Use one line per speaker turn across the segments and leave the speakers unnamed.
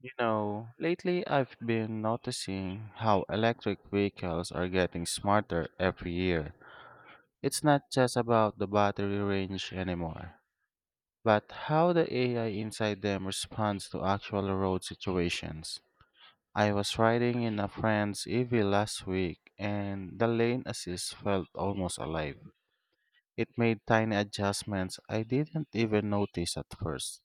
You know, lately I've been noticing how electric vehicles are getting smarter every year. It's not just about the battery range anymore, but how the AI inside them responds to actual road situations. I was riding in a friend's EV last week and the lane assist felt almost alive. It made tiny adjustments I didn't even notice at first.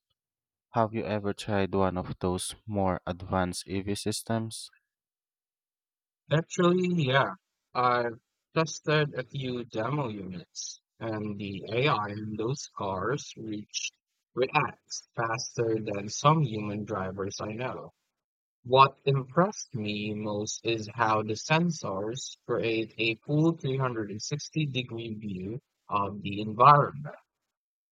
Have you ever tried one of those more advanced EV systems?
Actually, yeah. I've tested a few demo units, and the AI in those cars reach reacts faster than some human drivers I know. What impressed me most is how the sensors create a full 360-degree view of the environment.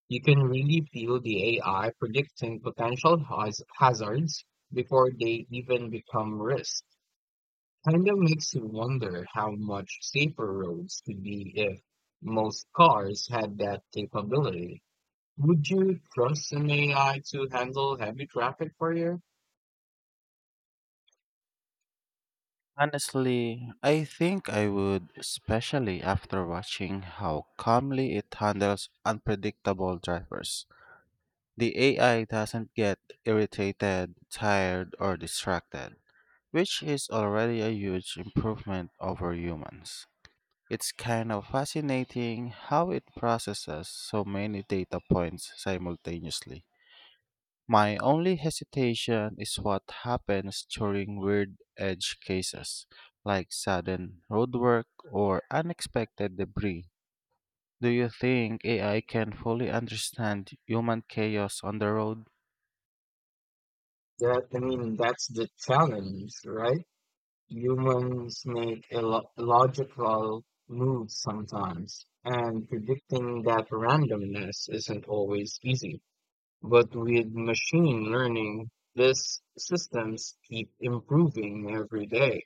You can really feel the AI predicting potential hazards before they even become risks. Kind of makes you wonder how much safer roads could be if most cars had that capability. Would you trust an AI to handle heavy traffic for you?
Honestly, I think I would, especially after watching how calmly it handles unpredictable drivers. The AI doesn't get irritated, tired, or distracted, which is already a huge improvement over humans. It's kind of fascinating how it processes so many data points simultaneously. My only hesitation is what happens during weird edge cases, like sudden roadwork or unexpected debris. Do you think AI can fully understand human chaos on the road?
That, I mean, that's the challenge, right? Humans make illogical moves sometimes, and predicting that randomness isn't always easy. But with machine learning, these systems keep improving every day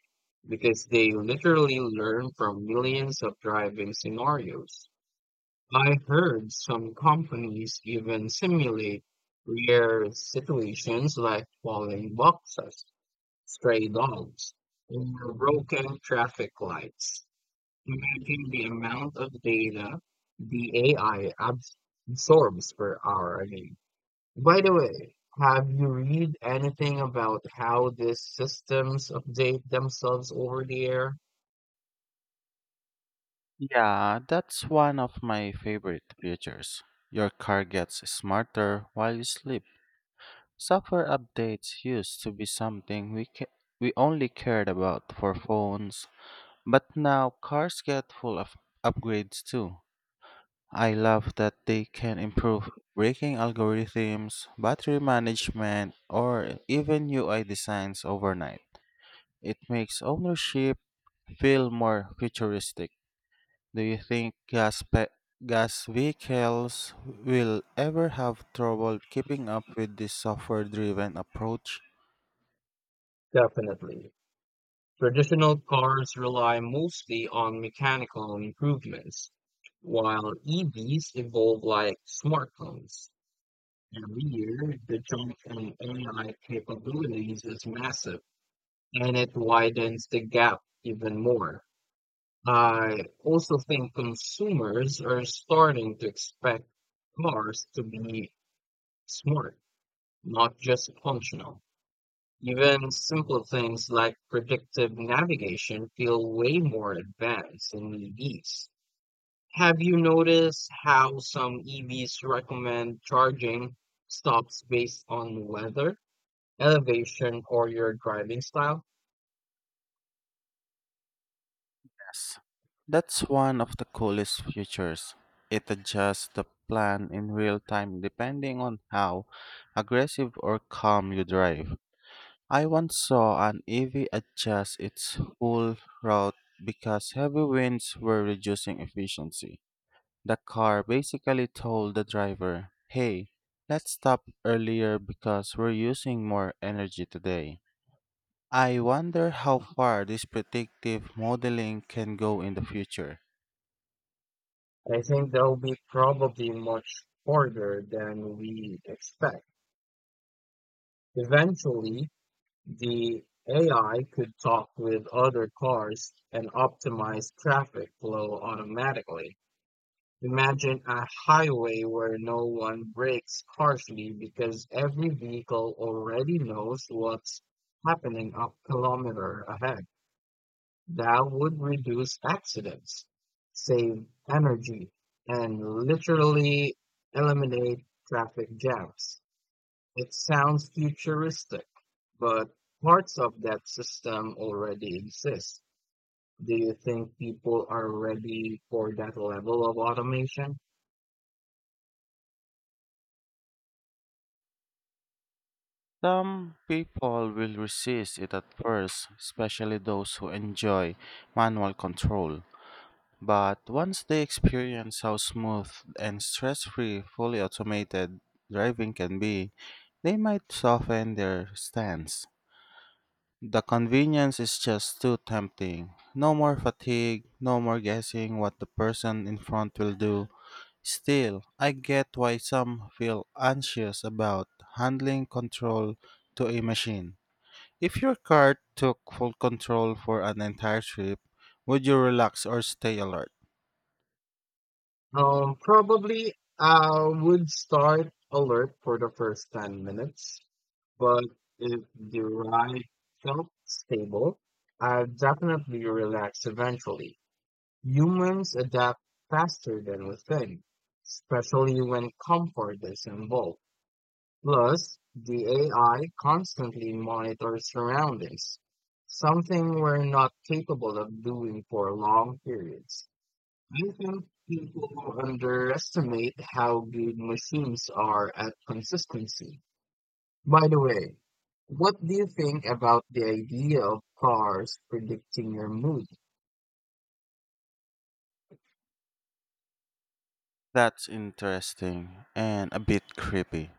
because they literally learn from millions of driving scenarios. I heard some companies even simulate rare situations like falling boxes, stray dogs, or broken traffic lights. Imagine the amount of data the AI absorbs per hour again. By the way, have you read anything about how these systems update themselves over the air?
Yeah, that's one of my favorite features. Your car gets smarter while you sleep. Software updates used to be something we only cared about for phones, but now cars get full of upgrades too. I love that they can improve braking algorithms, battery management, or even UI designs overnight. It makes ownership feel more futuristic. Do you think gas vehicles will ever have trouble keeping up with this software-driven approach?
Definitely. Traditional cars rely mostly on mechanical improvements, while EVs evolve like smartphones. Every year, the jump in AI capabilities is massive, and it widens the gap even more. I also think consumers are starting to expect cars to be smart, not just functional. Even simple things like predictive navigation feel way more advanced in EVs. Have you noticed how some EVs recommend charging stops based on weather, elevation, or your driving style?
Yes. That's one of the coolest features. It adjusts the plan in real time depending on how aggressive or calm you drive. I once saw an EV adjust its full route because heavy winds were reducing efficiency. The car basically told the driver, "Hey, let's stop earlier because we're using more energy today." I wonder how far this predictive modeling can go in the future.
I think that will be probably much harder than we expect. Eventually, the AI could talk with other cars and optimize traffic flow automatically. Imagine a highway where no one brakes harshly because every vehicle already knows what's happening a kilometer ahead. That would reduce accidents, save energy, and literally eliminate traffic jams. It sounds futuristic, but parts of that system already exist. Do you think people are ready for that level of automation?
Some people will resist it at first, especially those who enjoy manual control. But once they experience how smooth and stress free fully automated driving can be, they might soften their stance. The convenience is just too tempting. No more fatigue, no more guessing what the person in front will do. Still, I get why some feel anxious about handling control to a machine. If your car took full control for an entire trip, would you relax or stay alert?
Probably I would start alert for the first 10 minutes, but if the ride felt stable, I'd definitely relax eventually. Humans adapt faster than we think, especially when comfort is involved. Plus, the AI constantly monitors surroundings, something we're not capable of doing for long periods. I think people underestimate how good machines are at consistency. By the way, what do you think about the idea of cars predicting your mood?
That's interesting and a bit creepy,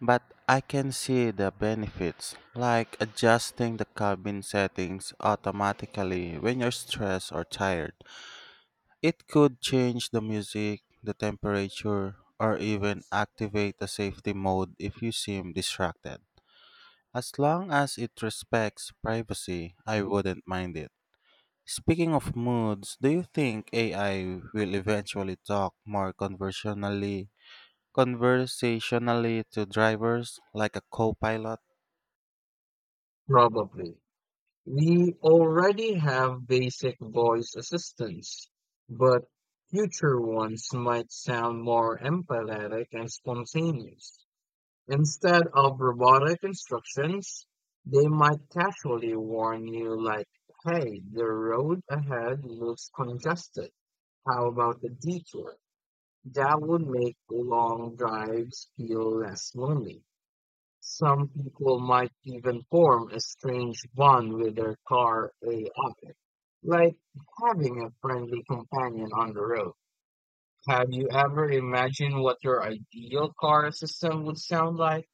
but I can see the benefits, like adjusting the cabin settings automatically when you're stressed or tired. It could change the music, the temperature, or even activate the safety mode if you seem distracted. As long as it respects privacy, I wouldn't mind it. Speaking of moods, do you think AI will eventually talk more conversationally to drivers like a co-pilot?
Probably. We already have basic voice assistants, but future ones might sound more empathetic and spontaneous. Instead of robotic instructions, they might casually warn you, like, hey, the road ahead looks congested. How about a detour? That would make long drives feel less lonely. Some people might even form a strange bond with their car AI, like having a friendly companion on the road. Have you ever imagined what your ideal car system would sound like?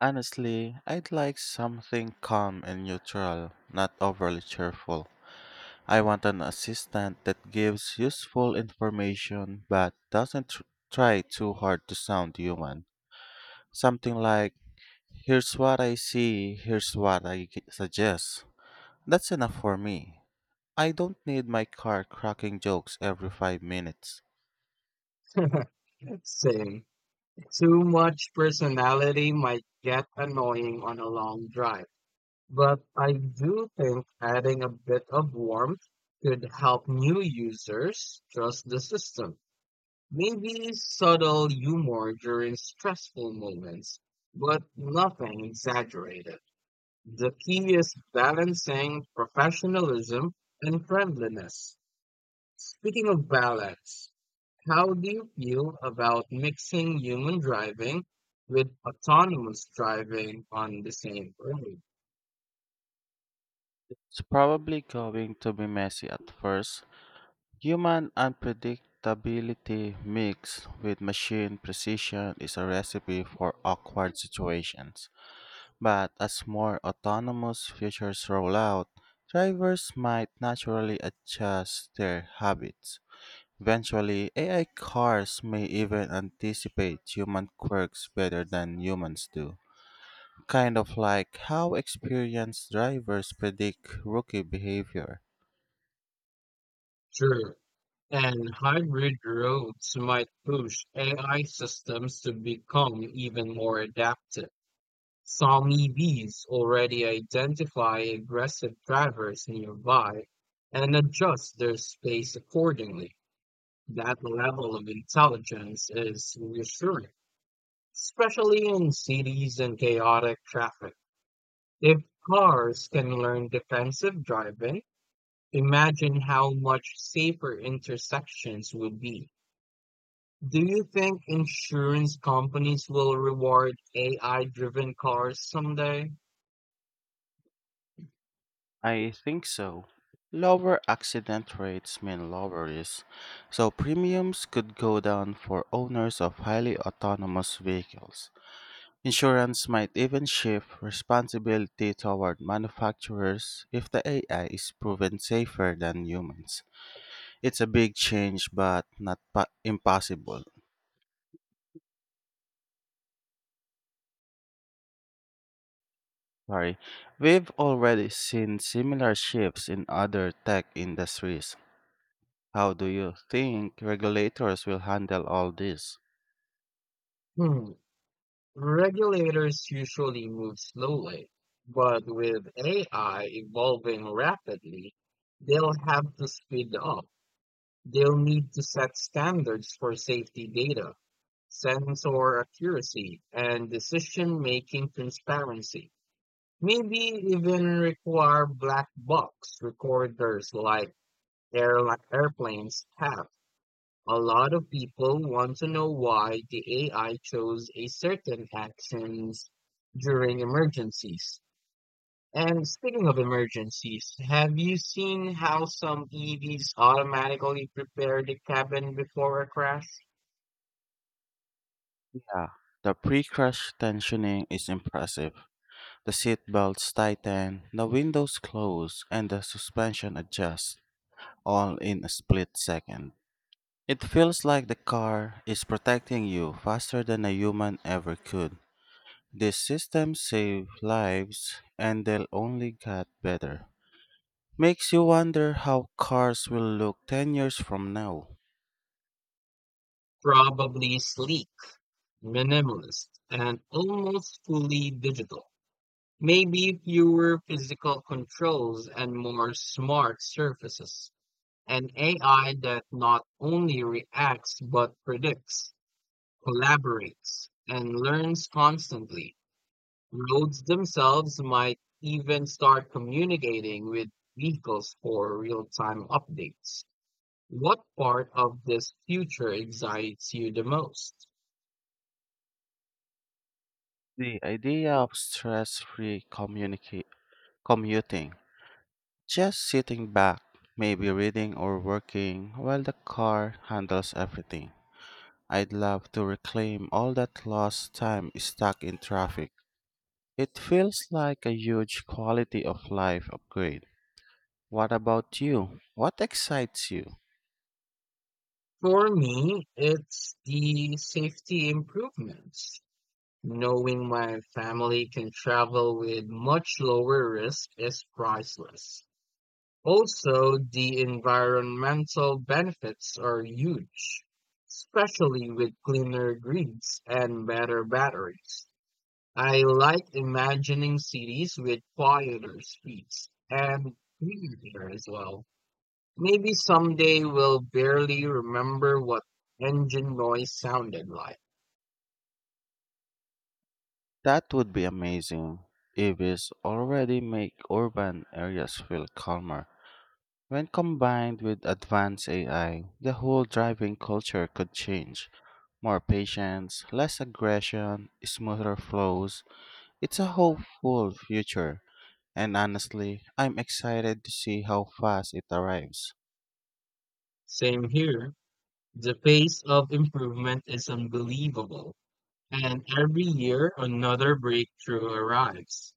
Honestly, I'd like something calm and neutral, not overly cheerful. I want an assistant that gives useful information but doesn't tr- try too hard to sound human. Something like, "Here's what I see, here's what I g- suggest." That's enough for me. I don't need my car cracking jokes every 5 minutes.
Same. Too much personality might get annoying on a long drive, but I do think adding a bit of warmth could help new users trust the system. Maybe subtle humor during stressful moments, but nothing exaggerated. The key is balancing professionalism and friendliness. Speaking of balance, how do you feel about mixing human driving with autonomous driving on the same road?
It's probably going to be messy at first. Human unpredictability mixed with machine precision is a recipe for awkward situations. But as more autonomous features roll out, drivers might naturally adjust their habits. Eventually, AI cars may even anticipate human quirks better than humans do. Kind of like how experienced drivers predict rookie behavior.
Sure. And hybrid roads might push AI systems to become even more adaptive. Some EVs already identify aggressive drivers nearby and adjust their space accordingly. That level of intelligence is reassuring, especially in cities and chaotic traffic. If cars can learn defensive driving, imagine how much safer intersections would be. Do you think insurance companies will reward AI driven cars someday?
I think so. Lower accident rates mean lower risk, so premiums could go down for owners of highly autonomous vehicles. Insurance might even shift responsibility toward manufacturers if the AI is proven safer than humans. It's a big change, but not pa- impossible. Sorry. We've already seen similar shifts in other tech industries. How do you think regulators will handle all this?
Hmm. Regulators usually move slowly, but with AI evolving rapidly, they'll have to speed up. They'll need to set standards for safety data, sensor accuracy, and decision-making transparency. Maybe even require black box recorders like airli airplanes have. A lot of people want to know why the AI chose a certain actions during emergencies. And speaking of emergencies, have you seen how some EVs automatically prepare the cabin before a crash?
Yeah, the pre-crash tensioning is impressive. The seat belts tighten, the windows close, and the suspension adjusts, all in a split second. It feels like the car is protecting you faster than a human ever could. These systems save lives, and they'll only get better. Makes you wonder how cars will look 10 years from now.
Probably sleek, minimalist, and almost fully digital. Maybe fewer physical controls and more smart surfaces. An AI that not only reacts but predicts. Collaborates, and learns constantly. Roads themselves might even start communicating with vehicles for real time updates. What part of this future excites you the most?
The idea of commuting. Just sitting back, maybe reading or working while the car handles everything. I'd love to reclaim all that lost time stuck in traffic. It feels like a huge quality of life upgrade. What about you? What excites you?
For me, it's the safety improvements. Knowing my family can travel with much lower risk is priceless. Also the environmental benefits are huge, especially with cleaner grids and better batteries. I like imagining cities with quieter streets and cleaner air as well. Maybe someday we'll barely remember what engine noise sounded like.
That would be amazing. EVs already make urban areas feel calmer. When combined with advanced AI, the whole driving culture could change. More patience, less aggression, smoother flows. It's a hopeful future, and honestly, I'm excited to see how fast it arrives.
Same here. The pace of improvement is unbelievable. And every year another breakthrough arrives.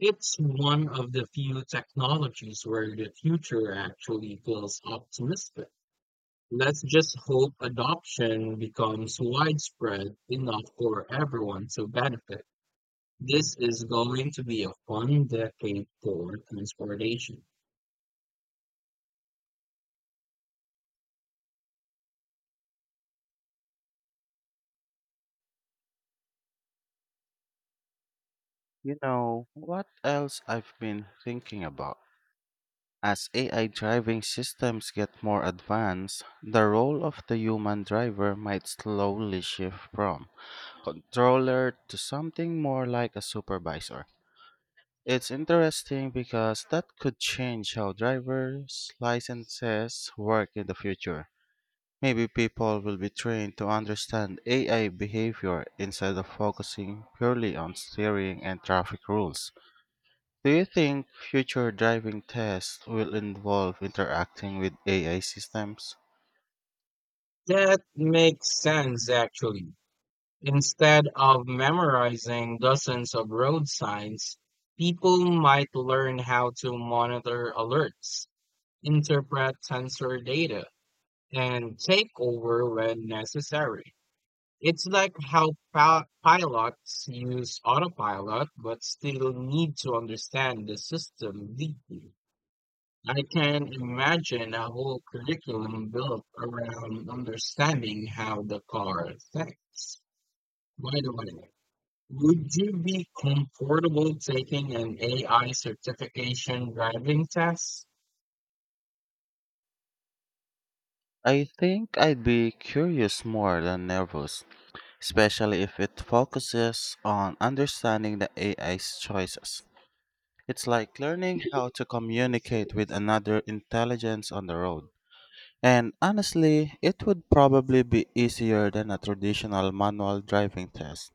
It's one of the few technologies where the future actually feels optimistic. Let's just hope adoption becomes widespread enough for everyone to benefit. This is going to be a fun decade for transportation.
You know what else I've been thinking about? As AI driving systems get more advanced, the role of the human driver might slowly shift from controller to something more like a supervisor. It's interesting because that could change how drivers' licenses work in the future. Maybe people will be trained to understand AI behavior instead of focusing purely on steering and traffic rules. Do you think future driving tests will involve interacting with AI systems?
That makes sense, actually. Instead of memorizing dozens of road signs, people might learn how to monitor alerts, interpret sensor data, and take over when necessary. It's like how pilots use autopilot but still need to understand the system deeply. I can imagine a whole curriculum built around understanding how the car thinks. By the way, would you be comfortable taking an AI certification driving test?
I think I'd be curious more than nervous, especially if it focuses on understanding the AI's choices. It's like learning how to communicate with another intelligence on the road. And honestly, it would probably be easier than a traditional manual driving test.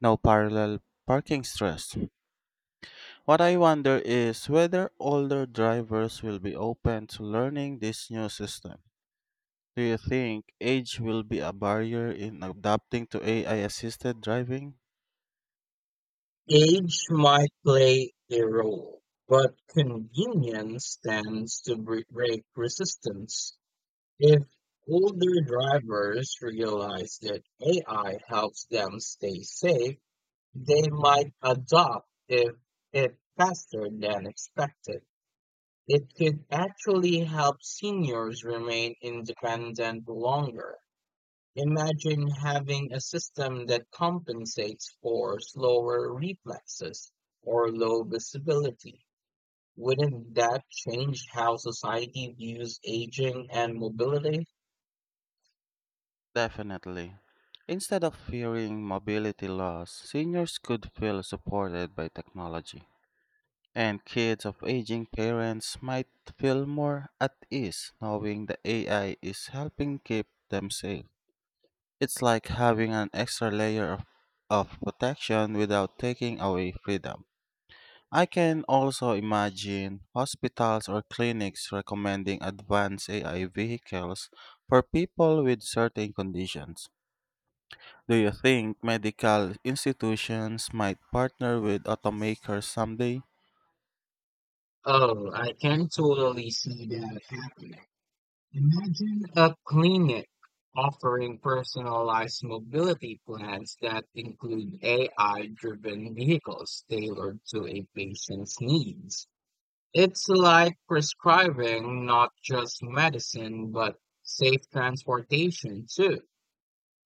No parallel parking stress. What I wonder is whether older drivers will be open to learning this new system. Do you think age will be a barrier in adapting to AI assisted driving?
Age might play a role, but convenience tends to break resistance. If older drivers realize that AI helps them stay safe, they might adopt if it faster than expected. It could actually help seniors remain independent longer. Imagine having a system that compensates for slower reflexes or low visibility. Wouldn't that change how society views aging and mobility?
Definitely. Instead of fearing mobility loss, seniors could feel supported by technology. And kids of aging parents might feel more at ease knowing the AI is helping keep them safe. It's like having an extra layer of protection without taking away freedom. I can also imagine hospitals or clinics recommending advanced AI vehicles for people with certain conditions. Do you think medical institutions might partner with automakers someday?
Oh, I can totally see that happening. Imagine a clinic offering personalized mobility plans that include AI driven vehicles tailored to a patient's needs. It's like prescribing not just medicine, but safe transportation too.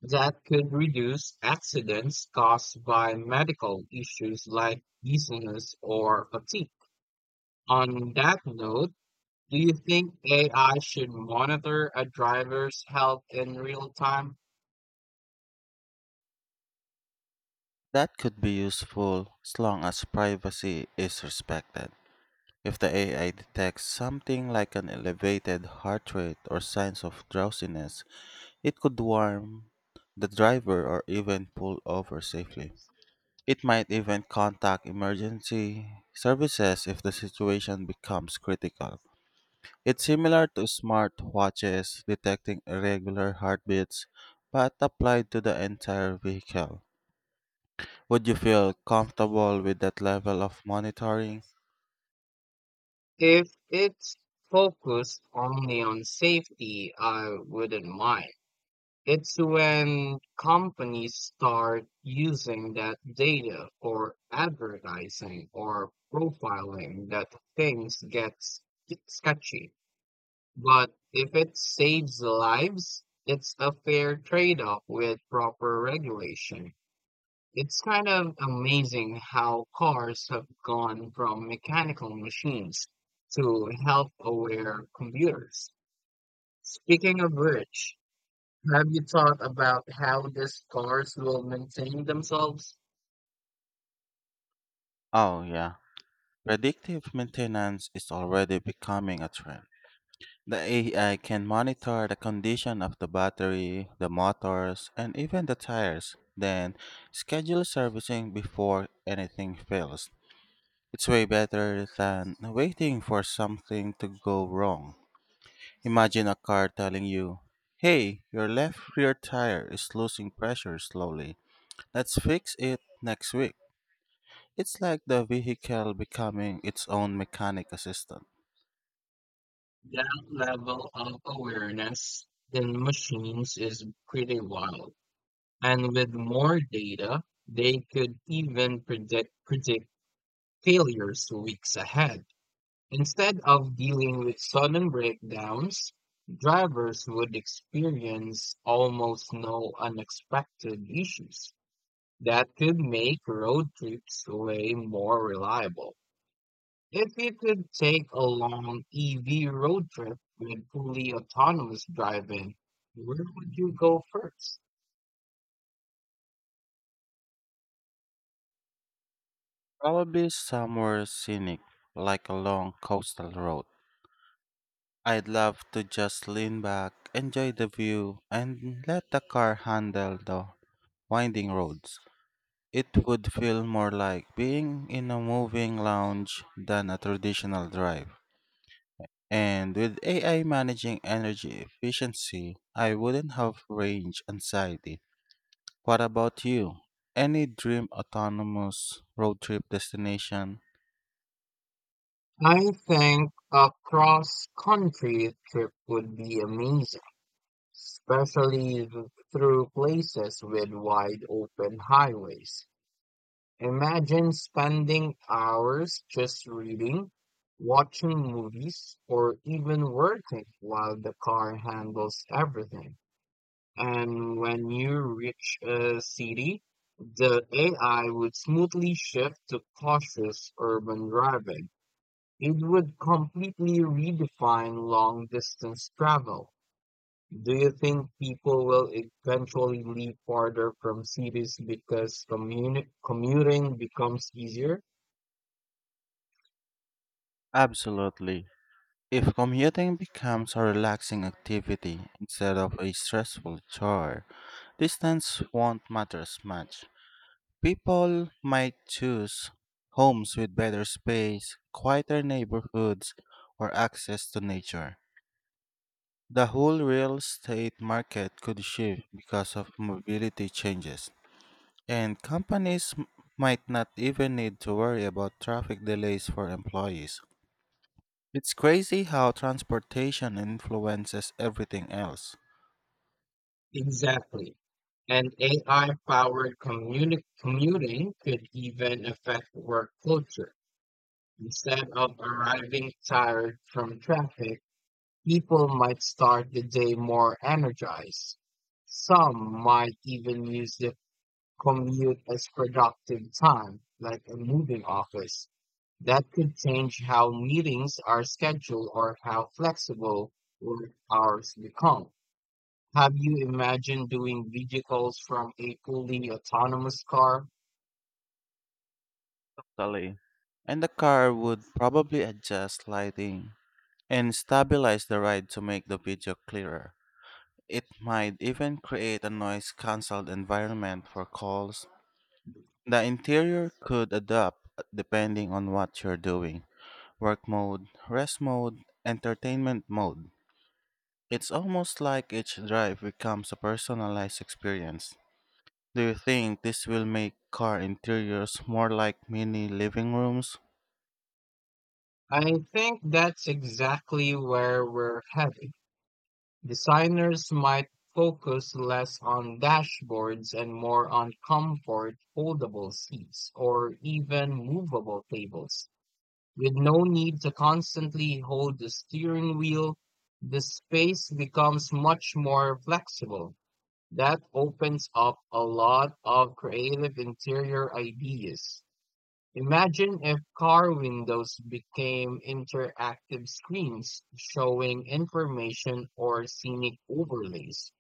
That could reduce accidents caused by medical issues like dizziness or fatigue. On that note, do you think AI should monitor a driver's health in real time?
That could be useful as long as privacy is respected. If the AI detects something like an elevated heart rate or signs of drowsiness, it could warn the driver or even pull over safely. It might even contact emergency services if the situation becomes critical. It's similar to smartwatches detecting irregular heartbeats, but applied to the entire vehicle. Would you feel comfortable with that level of monitoring?
If it's focused only on safety, I wouldn't mind. It's when companies start using that data for advertising or profiling that things get sketchy. But if it saves lives, it's a fair trade off with proper regulation. It's kind of amazing how cars have gone from mechanical machines to health aware computers. Speaking of which, have you thought about how the scars will maintain themselves?
Oh, yeah. Predictive maintenance is already becoming a trend. The AI can monitor the condition of the battery, the motors, and even the tires, then schedule servicing before anything fails. It's way better than waiting for something to go wrong. Imagine a car telling you, "Hey, your left rear tire is losing pressure slowly. Let's fix it next week." It's like the vehicle becoming its own mechanic assistant.
That level of awareness in machines is pretty wild. And with more data, they could even predict failures weeks ahead. Instead of dealing with sudden breakdowns, drivers would experience almost no unexpected issues. That could make road trips way more reliable. If you could take a long EV road trip with fully autonomous driving, where would you go first?
Probably somewhere scenic, like along coastal road. I'd love to just lean back, enjoy the view, and let the car handle the winding roads. It would feel more like being in a moving lounge than a traditional drive. And with AI managing energy efficiency, I wouldn't have range anxiety. What about you? Any dream autonomous road trip destination?
I think a cross-country trip would be amazing, especially through places with wide open highways. Imagine spending hours just reading, watching movies, or even working while the car handles everything. And when you reach a city, the AI would smoothly shift to cautious urban driving. It would completely redefine long distance travel. Do you think people will eventually leave farther from cities because commuting becomes easier?
Absolutely. If commuting becomes a relaxing activity instead of a stressful chore, distance won't matter as much. People might choose homes with better space, quieter neighborhoods, or access to nature. The whole real estate market could shift because of mobility changes, and might not even need to worry about traffic delays for employees. It's crazy how transportation influences everything else.
Exactly. And AI powered commuting could even affect work culture. Instead of arriving tired from traffic, people might start the day more energized. Some might even use the commute as productive time, like a moving office. That could change how meetings are scheduled or how flexible work hours become. Have you imagined doing video calls from a fully autonomous car?
Totally. And the car would probably adjust lighting and stabilize the ride to make the video clearer. It might even create a noise cancelled environment for calls. The interior could adapt depending on what you're doing: work mode, rest mode, entertainment mode. It's almost like each drive becomes a personalized experience. Do you think this will make car interiors more like mini living rooms?
I think that's exactly where we're headed. Designers might focus less on dashboards and more on comfort, foldable seats, or even movable tables. With no need to constantly hold the steering wheel, the space becomes much more flexible. That opens up a lot of creative interior ideas. Imagine if car windows became interactive screens showing information or scenic overlays.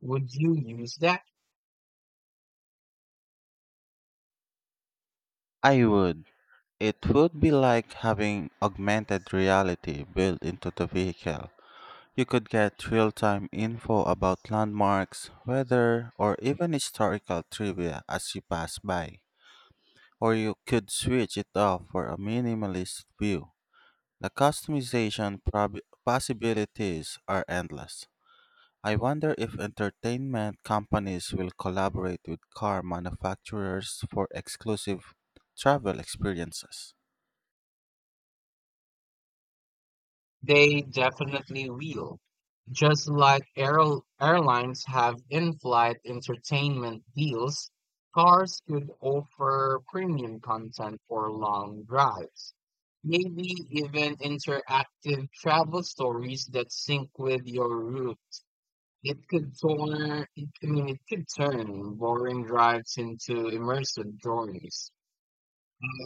Would you use that?
I would. It would be like having augmented reality built into the vehicle. You could get real time info about landmarks, weather, or even historical trivia as you pass by. Or you could switch it up for a minimalist view. The possibilities are endless. I wonder if entertainment companies will collaborate with car manufacturers for exclusive travel experiences.
They definitely will. Just like airlines have in-flight entertainment deals, cars could offer premium content for long drives. Maybe even interactive travel stories that sync with your route. It could turn, it, I mean, it could turn boring drives into immersive journeys.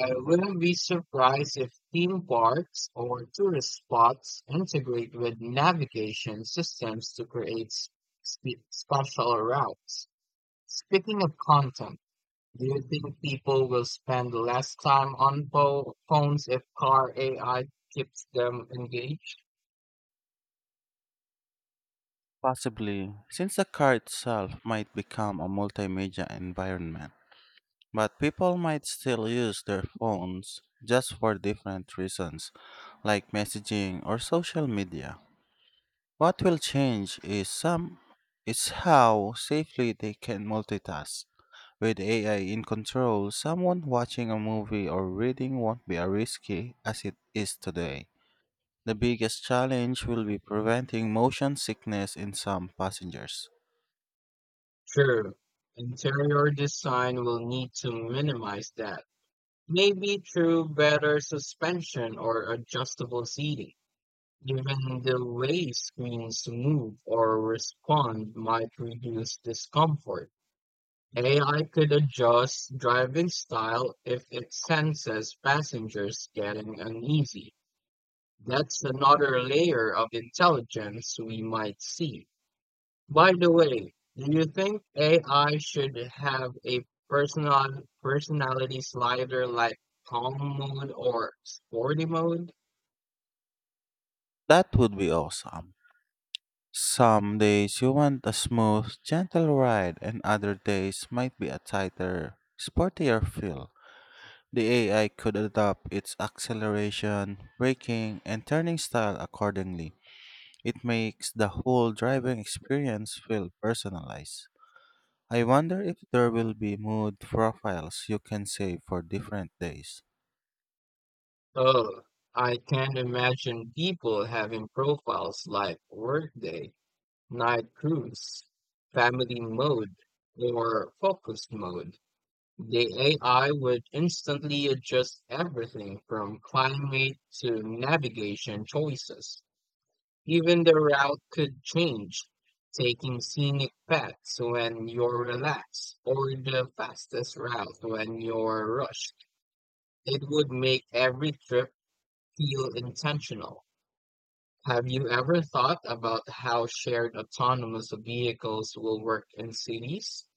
I wouldn't be surprised if theme parks or tourist spots integrate with navigation systems to create s- spe- special routes. Speaking of content, do you think people will spend less time on phones if car AI keeps them engaged?
Possibly, since the car itself might become a multimedia environment. But people might still use their phones just for different reasons, like messaging or social media. What will change is some is how safely they can multitask. With AI in control, someone watching a movie or reading won't be as risky as it is today. The biggest challenge will be preventing motion sickness in some passengers.
True. Interior design will need to minimize that. Maybe through better suspension or adjustable seating. Even the way screens move or respond might reduce discomfort. AI could adjust driving style if it senses passengers getting uneasy. That's another layer of intelligence we might see. By the way, do you think AI should have a personality slider like calm mode or sporty mode?
That would be awesome. Some days you want a smooth, gentle ride, and other days might be a tighter, sportier feel. The AI could adapt its acceleration, braking, and turning style accordingly. It makes the whole driving experience feel personalized. I wonder if there will be mood profiles you can save for different days.
Oh, I can't imagine people having profiles like workday, night cruise, family mode, or focus mode. The AI would instantly adjust everything from climate to navigation choices. Even the route could change, taking scenic paths when you're relaxed or the fastest route when you're rushed. It would make every trip feel intentional. Have you ever thought about how shared autonomous vehicles will work in cities?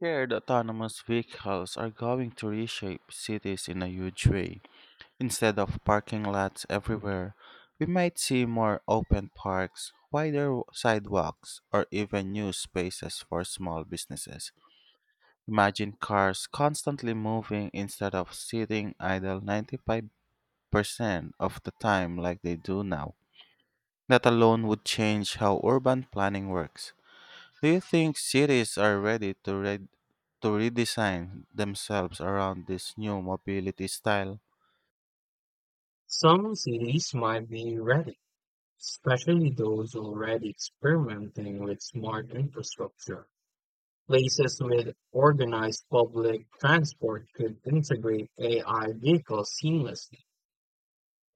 Shared autonomous vehicles are going to reshape cities in a huge way. Instead of parking lots everywhere, we might see more open parks, wider sidewalks, or even new spaces for small businesses. Imagine cars constantly moving instead of sitting idle 95% of the time like they do now. That alone would change how urban planning works. Do you think cities are ready to redesign themselves around this new mobility style?
Some cities might be ready, especially those already experimenting with smart infrastructure. Places with organized public transport could integrate AI vehicles seamlessly,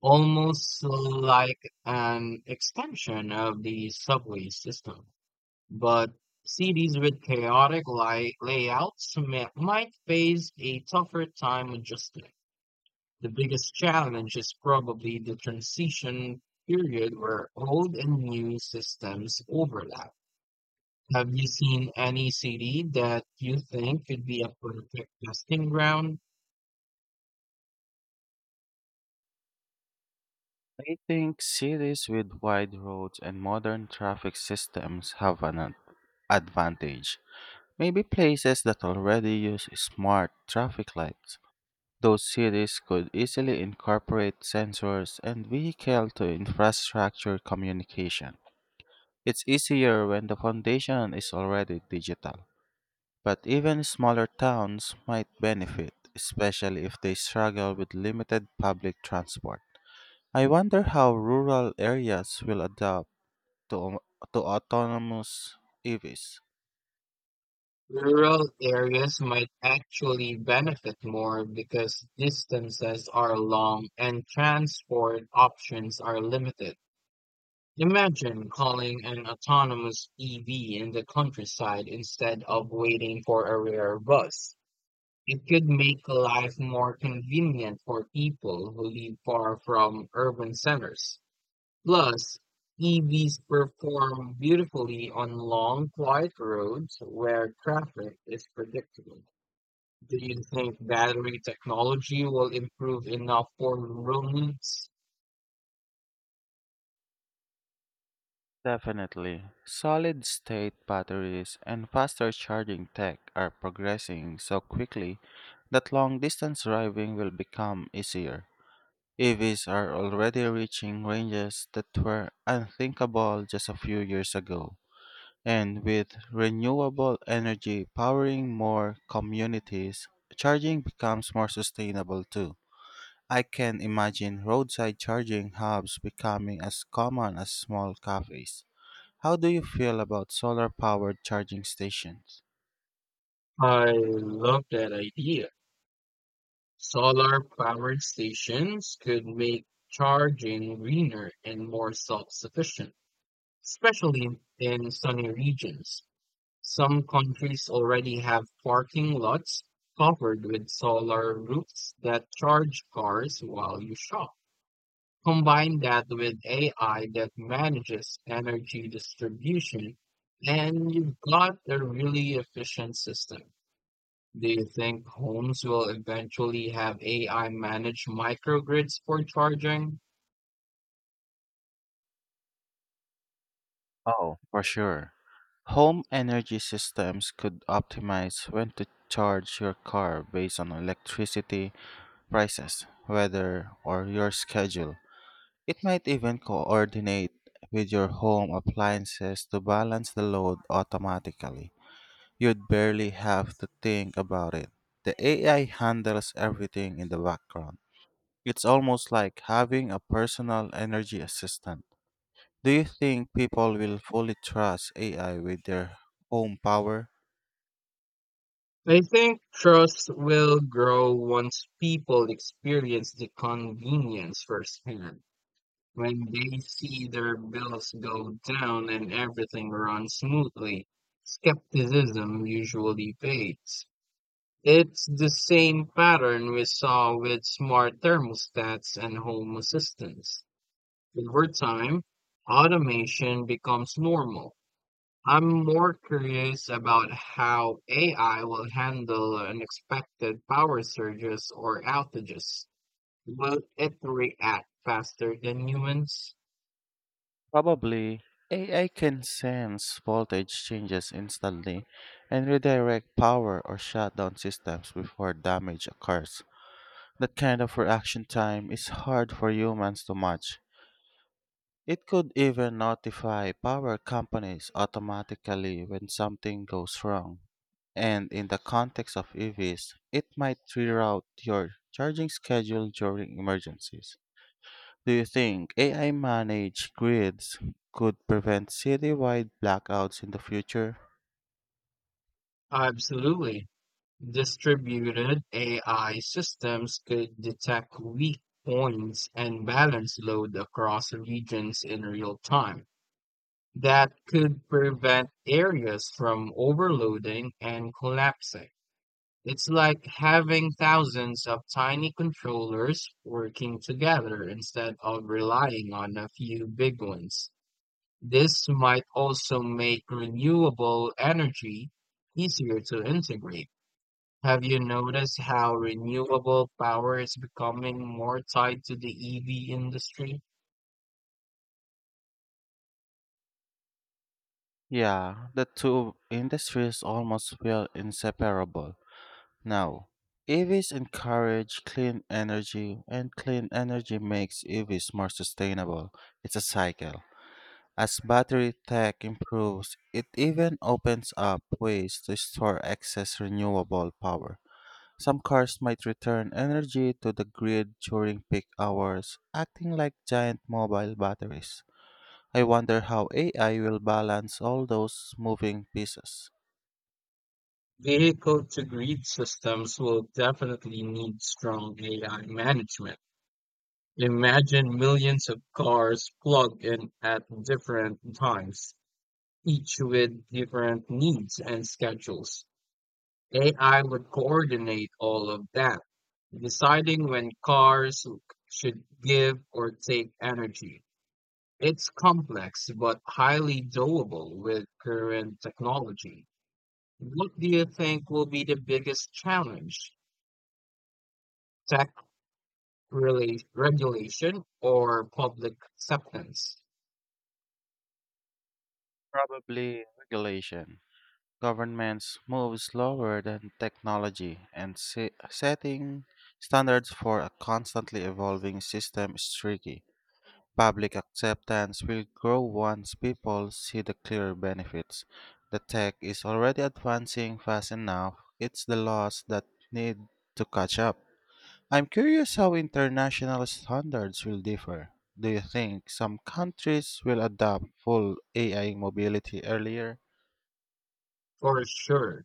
almost like an extension of the subway system. But cities with chaotic layouts might face a tougher time adjusting. The biggest challenge is probably the transition period where old and new systems overlap. Have you seen any city that you think could be a perfect testing ground?
I think cities with wide roads and modern traffic systems have an advantage. Maybe places that already use smart traffic lights. Those cities could easily incorporate sensors and vehicle to infrastructure communication. It's easier when the foundation is already digital. But even smaller towns might benefit, especially if they struggle with limited public transport. I wonder how rural areas will adapt to, to autonomous EVs.
Rural areas might actually benefit more because distances are long and transport options are limited. Imagine calling an autonomous EV in the countryside instead of waiting for a rare bus. It could make life more convenient for people who live far from urban centers. Plus, EVs perform beautifully on long, quiet roads where traffic is predictable. Do you think battery technology will improve enough for rural needs?
Definitely. Solid state batteries and faster charging tech are progressing so quickly that long distance driving will become easier. EVs are already reaching ranges that were unthinkable just a few years ago. And with renewable energy powering more communities, charging becomes more sustainable too. I can imagine roadside charging hubs becoming as common as small cafes. How do you feel about solar powered charging stations?
I love that idea. Solar powered stations could make charging greener and more self sufficient, especially in sunny regions. Some countries already have parking lots covered with solar roofs that charge cars while you shop. Combine that with AI that manages energy distribution, and you've got a really efficient system. Do you think homes will eventually have AI managed microgrids for charging?
Oh, for sure. Home energy systems could optimize when to charge your car based on electricity prices, weather, or your schedule. It might even coordinate with your home appliances to balance the load automatically. You'd barely have to think about it. The AI handles everything in the background. It's almost like having a personal energy assistant. Do you think people will fully trust AI with their home power?
I think trust will grow once people experience the convenience firsthand. When they see their bills go down and everything runs smoothly. Skepticism usually fades. It's the same pattern we saw with smart thermostats and home assistants. Over time, automation becomes normal. I'm more curious about how AI will handle unexpected power surges or outages. Will it react faster than humans?
Probably. AI can sense voltage changes instantly and redirect power or shut down systems before damage occurs. That kind of reaction time is hard for humans to match. It could even notify power companies automatically when something goes wrong. And in the context of EVs, it might reroute your charging schedule during emergencies. Do you think AI managed grids could prevent citywide blackouts in the future?
Absolutely. Distributed AI systems could detect weak points and balance load across regions in real time. That could prevent areas from overloading and collapsing. It's like having thousands of tiny controllers working together instead of relying on a few big ones. This might also make renewable energy easier to integrate. Have you noticed how renewable power is becoming more tied to the EV industry?
Yeah, the two industries almost feel inseparable. Now, EVs encourage clean energy, and clean energy makes EVs more sustainable. It's a cycle. As battery tech improves, it even opens up ways to store excess renewable power. Some cars might return energy to the grid during peak hours, acting like giant mobile batteries. I wonder how AI will balance all those moving pieces.
Vehicle to grid systems will definitely need strong AI management. Imagine millions of cars plugged in at different times, each with different needs and schedules. AI would coordinate all of that, deciding when cars should give or take energy. It's complex but highly doable with current technology. What do you think will be the biggest challenge? Tech, regulation, or public acceptance?
Probably regulation. Governments move slower than technology, and setting standards for a constantly evolving system is tricky. Public acceptance will grow once people see the clear benefits. The tech is already advancing fast enough, it's the laws that need to catch up. I'm curious how international standards will differ. Do you think some countries will adopt full AI mobility earlier?
For sure,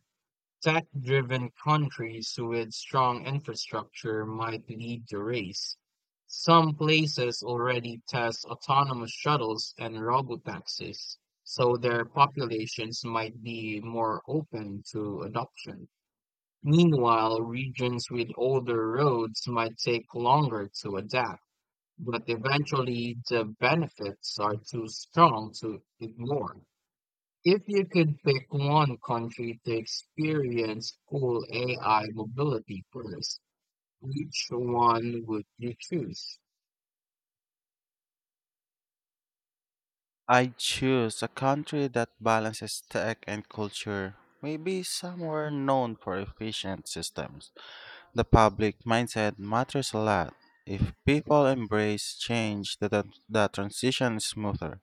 tech driven countries with strong infrastructure might lead the race. Some places already test autonomous shuttles and robotaxis, so their populations might be more open to adoption. Meanwhile, regions with older roads might take longer to adapt, but eventually the benefits are too strong to ignore. If you could pick one country to experience full AI mobility first, which one would you choose?
I choose a country that balances tech and culture, maybe somewhere known for efficient systems. The public mindset matters a lot. If people embrace change, the transition is smoother.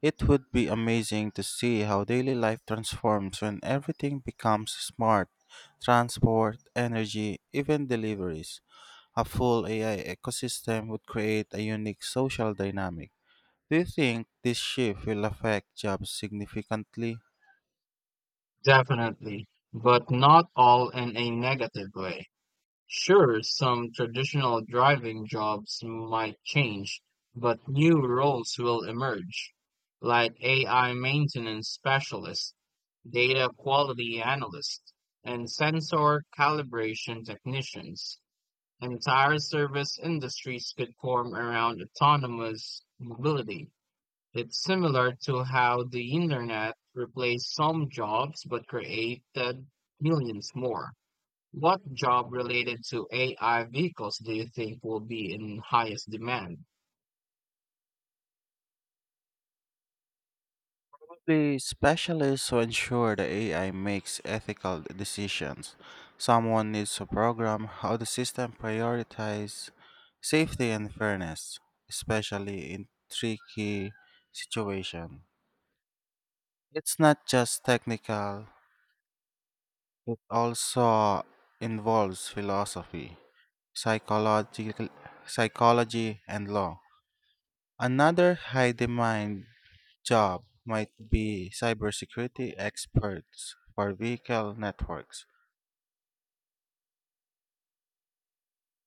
It would be amazing to see how daily life transforms when everything becomes smart transport, energy, even deliveries. A full AI ecosystem would create a unique social dynamic. Do you think this shift will affect jobs significantly?
Definitely, but not all in a negative way. Sure, some traditional driving jobs might change, but new roles will emerge, like AI maintenance specialists, data quality analysts, and sensor calibration technicians. Entire service industries could form around autonomous mobility. It's similar to how the internet replaced some jobs but created millions more. What job related to AI vehicles do you think will be in highest demand?
Only specialists who ensure the AI makes ethical decisions. Someone needs to program how the system prioritizes safety and fairness, especially in tricky situations. It's not just technical, it also involves philosophy, psychological psychology and law. Another high demand job might be cybersecurity experts for vehicle networks.